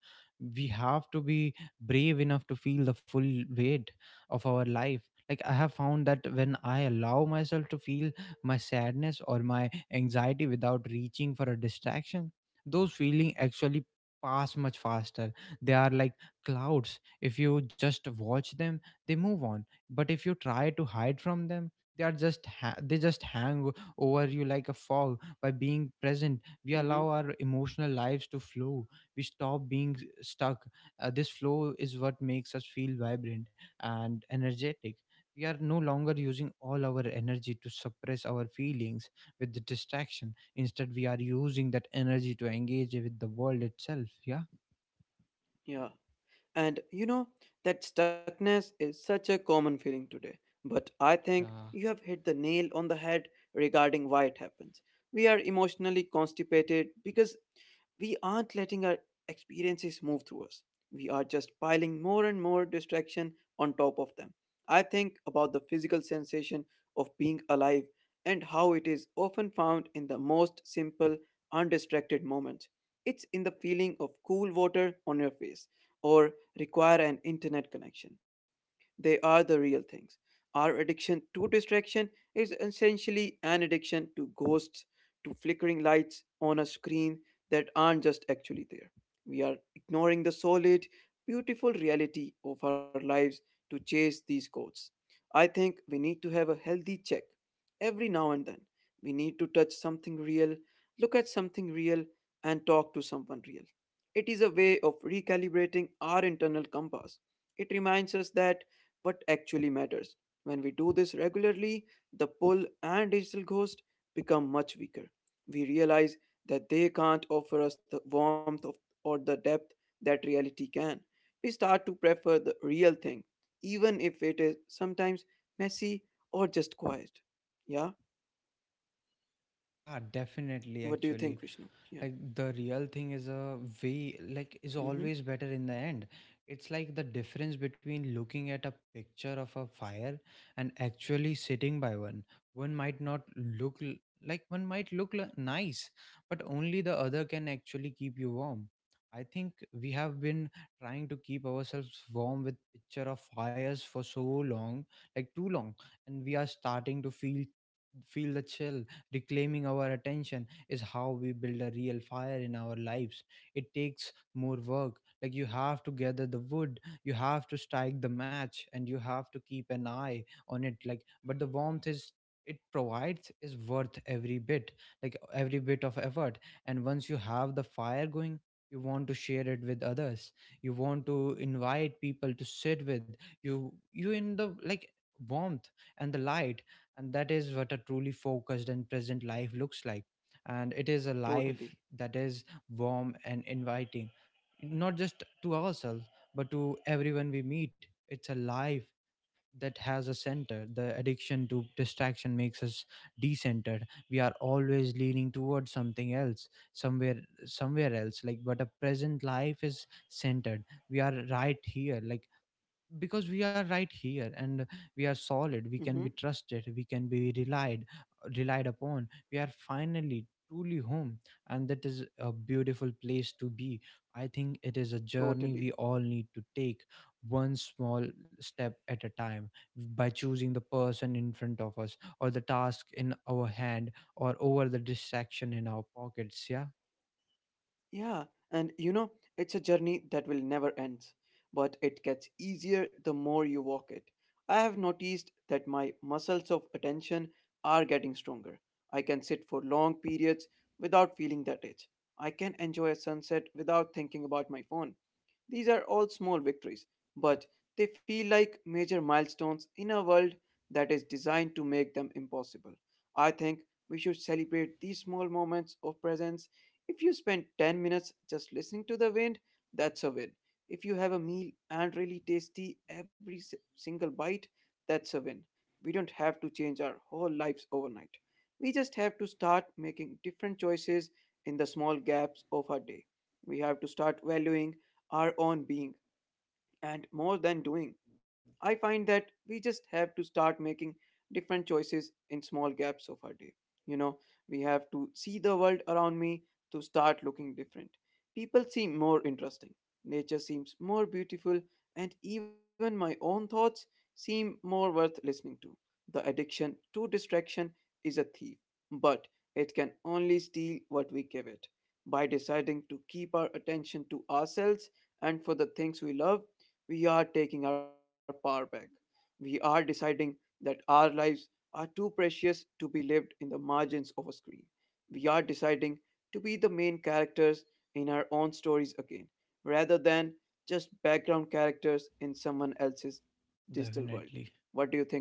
A: We have to be brave enough to feel the full weight of our life. Like I have found that when I allow myself to feel my sadness or my anxiety without reaching for a distraction, those feelings actually pass much faster. They are like clouds. If you just watch them, they move on. But if you try to hide from them, they are just they just hang over you like a fog. By being present, we allow
B: Mm-hmm.
A: our emotional lives to flow. We stop being stuck. This flow is what makes us feel vibrant and energetic. We are no longer using all our energy to suppress our feelings with the distraction. Instead, we are using that energy to engage with the world itself, yeah.
B: Yeah. And you know, that stuckness is such a common feeling today. But I think
A: Yeah.
B: you have hit the nail on the head regarding why it happens. We are emotionally constipated because we aren't letting our experiences move through us. We are just piling more and more distraction on top of them. I think about the physical sensation of being alive and how it is often found in the most simple, undistracted moments. It's in the feeling of cool water on your face or require an internet connection. They are the real things. Our addiction to distraction is essentially an addiction to ghosts, to flickering lights on a screen that aren't just actually there. We are ignoring the solid, beautiful reality of our lives to chase these ghosts. I think we need to have a healthy check every now and then. We need to touch something real, look at something real, and talk to someone real. It is a way of recalibrating our internal compass. It reminds us that what actually matters. When we do this regularly, the pull and digital ghost become much weaker. We realize that they can't offer us the warmth of, or the depth that reality can. We start to prefer the real thing, even if it is sometimes messy or just quiet. Yeah?
A: yeah definitely
B: What do you
A: Actually,
B: think, Vishnu?
A: like
B: Yeah.
A: the real thing is a way, like is
B: Mm-hmm.
A: always better in the end. It's like the difference between looking at a picture of a fire and actually sitting by one. One might not look l- Like one might look nice, but only the other can actually keep you warm. I think we have been trying to keep ourselves warm with picture of fires for so long, like too long, and we are starting to feel the chill. Reclaiming our attention is how we build a real fire in our lives. It takes more work. Like you have to gather the wood, you have to strike the match, and you have to keep an eye on it, like. But the warmth is it provides is worth every bit, like every bit of effort. And once you have the fire going, you want to share it with others. You want to invite people to sit with you in the, like, warmth and the light. And that is what a truly focused and present life looks like. And it is a life
B: Totally.
A: that is warm and inviting, not just to ourselves but to everyone we meet. It's a life that has a center. The addiction to distraction makes us decentered. We are always leaning towards something else, somewhere else, like. But a present life is centered. We are right here, like, because we are right here, and we are solid. We can
B: Mm-hmm.
A: be trusted. We can be relied upon. We are finally truly home, and that is a beautiful place to be. I think it is a journey we
B: Totally.
A: all need to take, one small step at a time, by choosing the person in front of us or the task in our hand or over the distraction in our pockets, yeah.
B: Yeah, and you know, it's a journey that will never end, but it gets easier the more you walk it. I have noticed that my muscles of attention are getting stronger. I can sit for long periods without feeling that itch. I can enjoy a sunset without thinking about my phone. These are all small victories, but they feel like major milestones in a world that is designed to make them impossible. I think we should celebrate these small moments of presence. If you spend 10 minutes just listening to the wind, that's a win. If you have a meal and really tasty every single bite, that's a win. We don't have to change our whole lives overnight. We just have to start making different choices in the small gaps of our day. We have to start valuing our own being and more than doing. I find that we just have to start making different choices in small gaps of our day. You know, we have to see the world around me to start looking different. People seem more interesting, nature seems more beautiful, and even my own thoughts seem more worth listening to. The addiction to distraction is a thief, but it can only steal what we give it. By deciding to keep our attention to ourselves and for the things we love, we are taking our power back. We are deciding that our lives are too precious to be lived in the margins of a screen. We are deciding to be the main characters in our own stories again, rather than just background characters in someone else's digital world.
A: Definitely.
B: What do you think, Vishnu?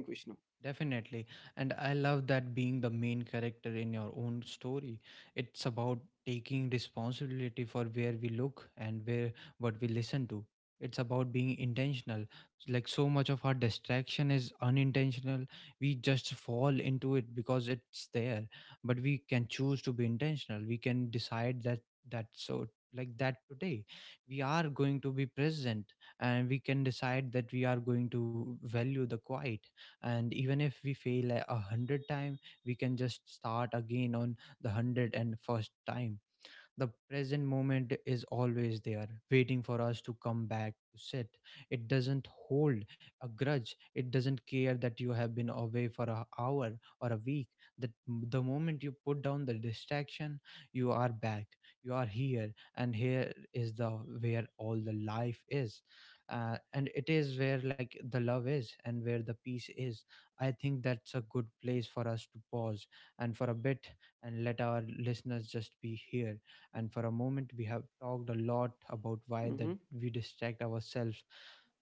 A: Definitely. And I love that being the main character in your own story. It's about taking responsibility for where we look and where what we listen to. It's about being intentional. Like, so much of our distraction is unintentional. We just fall into it because it's there. But we can choose to be intentional. We can decide that so like that today we are going to be present, and we can decide that we are going to value the quiet. And even if we fail a hundred time, we can just start again on the 101st time. The present moment is always there waiting for us to come back to sit. It doesn't hold a grudge. It doesn't care that you have been away for an hour or a week. That the moment you put down the distraction, you are back, you are here, and here is the where all the life is. And it is where, like, the love is and where the peace is. I think that's a good place for us to pause and for a bit, and let our listeners just be here and for a moment. We have talked a lot about why that
B: Hmm.
A: we distract ourselves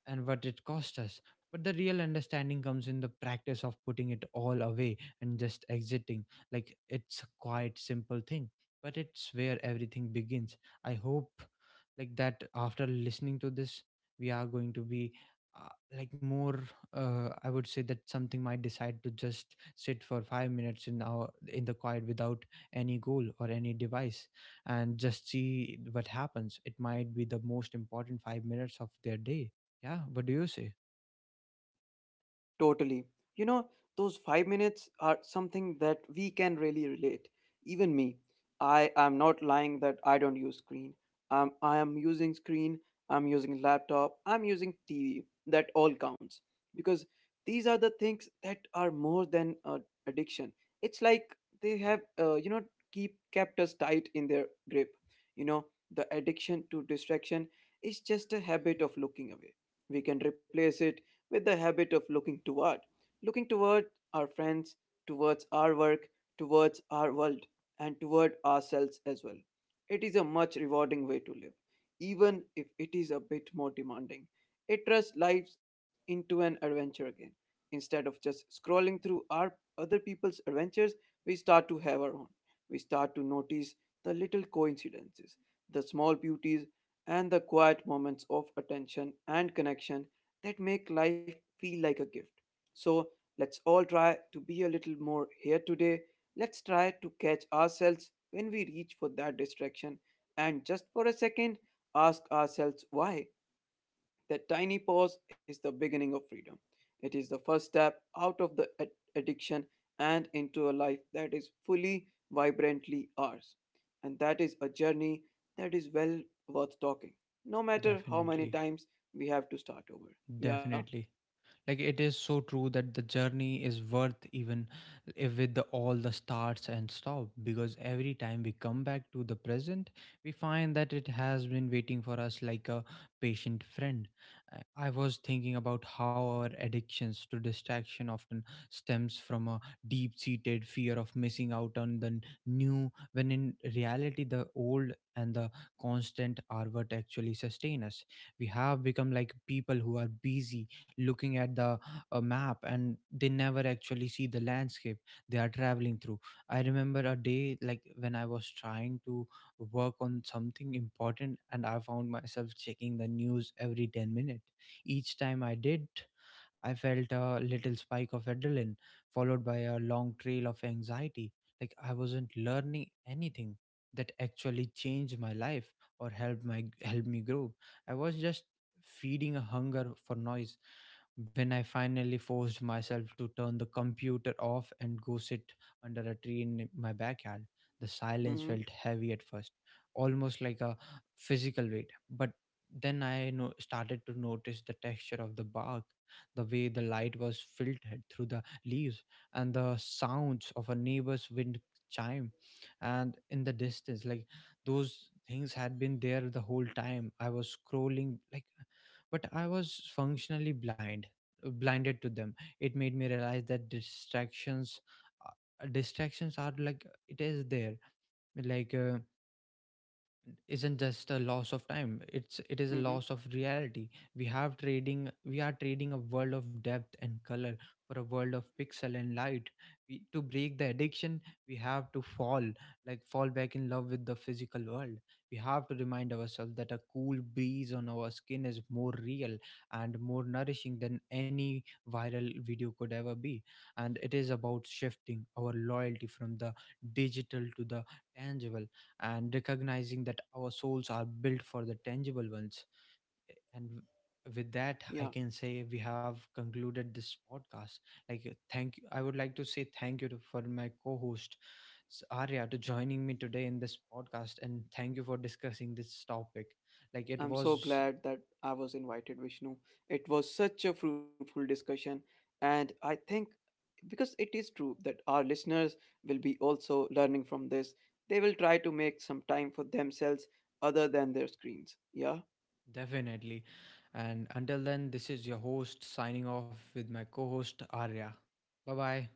A: and what it cost us, but the real understanding comes in the practice of putting it all away and just exiting. Like, it's a quite simple thing, but it's where everything begins. I hope like that after listening to this we are going to be uh, like more. I would say that something might decide to just sit for 5 minutes in our in the quiet without any goal or any device, and just see what happens. It might be the most important 5 minutes of their day. Yeah, what do you say?
B: Totally. You know, those 5 minutes are something that we can really relate. Even me. I am not lying that I don't use screen. I am using screen, I'm using laptop, I'm using TV. That all counts. Because these are the things that are more than addiction. It's like they have, you know, keep kept us tight in their grip. You know, the addiction to distraction is just a habit of looking away. We can replace it with the habit of looking toward our friends, towards our work, towards our world, and toward ourselves as well. It is a much rewarding way to live, even if it is a bit more demanding. It trusts lives into an adventure again. Instead of just scrolling through our other people's adventures, we start to have our own. We start to notice the little coincidences, the small beauties, and the quiet moments of attention and connection that make life feel like a gift. So let's all try to be a little more here today. Let's try to catch ourselves when we reach for that distraction and just for a second ask ourselves why. That tiny pause is the beginning of freedom. It is the first step out of the addiction and into a life that is fully, vibrantly ours. And that is a journey that is well worth talking, no matter how many
A: Definitely.
B: times we have to start over. Yeah.
A: Definitely. Like, it is so true that the journey is worth even if all the starts and stop, because every time we come back to the present, we find that it has been waiting for us like a patient friend. I was thinking about how our addictions to distraction often stems from a deep-seated fear of missing out on the new, when in reality the old and the constant are what actually sustain us. We have become like people who are busy looking at the map and they never actually see the landscape they are traveling through. I remember a day like when I was trying to work on something important, and I found myself checking the news every 10 minutes. Each time I did, I felt a little spike of adrenaline followed by a long trail of anxiety. Like, I wasn't learning anything that actually changed my life or helped my helped me grow. I was just feeding a hunger for noise. When I finally forced myself to turn the computer off and go sit under a tree in my backyard, the
B: Mm-hmm.
A: silence felt heavy at first, almost like a physical weight. But then I started to notice the texture of the bark, the way the light was filtered through the leaves, and the sounds of a neighbor's wind chime. And in the distance, like, those things had been there the whole time I was scrolling, like, but I was functionally blinded to them. It made me realize that distractions are, like, it is there, like, isn't just a loss of time. It is a
B: Mm-hmm.
A: loss of reality. We are trading a world of depth and color for a world of pixel and light. To break the addiction, we have to fall back in love with the physical world. We have to remind ourselves that a cool breeze on our skin is more real and more nourishing than any viral video could ever be. And it is about shifting our loyalty from the digital to the tangible, and recognizing that our souls are built for the tangible ones. And with that, I
B: Yeah,
A: can say we have concluded this podcast. Like, thank you. I would like to say thank you for my co host, Arya, to joining me today in this podcast. And thank you for discussing this topic. Like, it
B: I'm so
A: was
B: glad that I was invited, Vishnu. It was such a fruitful discussion, and I think because it is true that our listeners will be also learning from this, they will try to make some time for themselves other than their screens. Yeah.
A: definitely. And until then, this is your host signing off with my co host, Arya. Bye bye.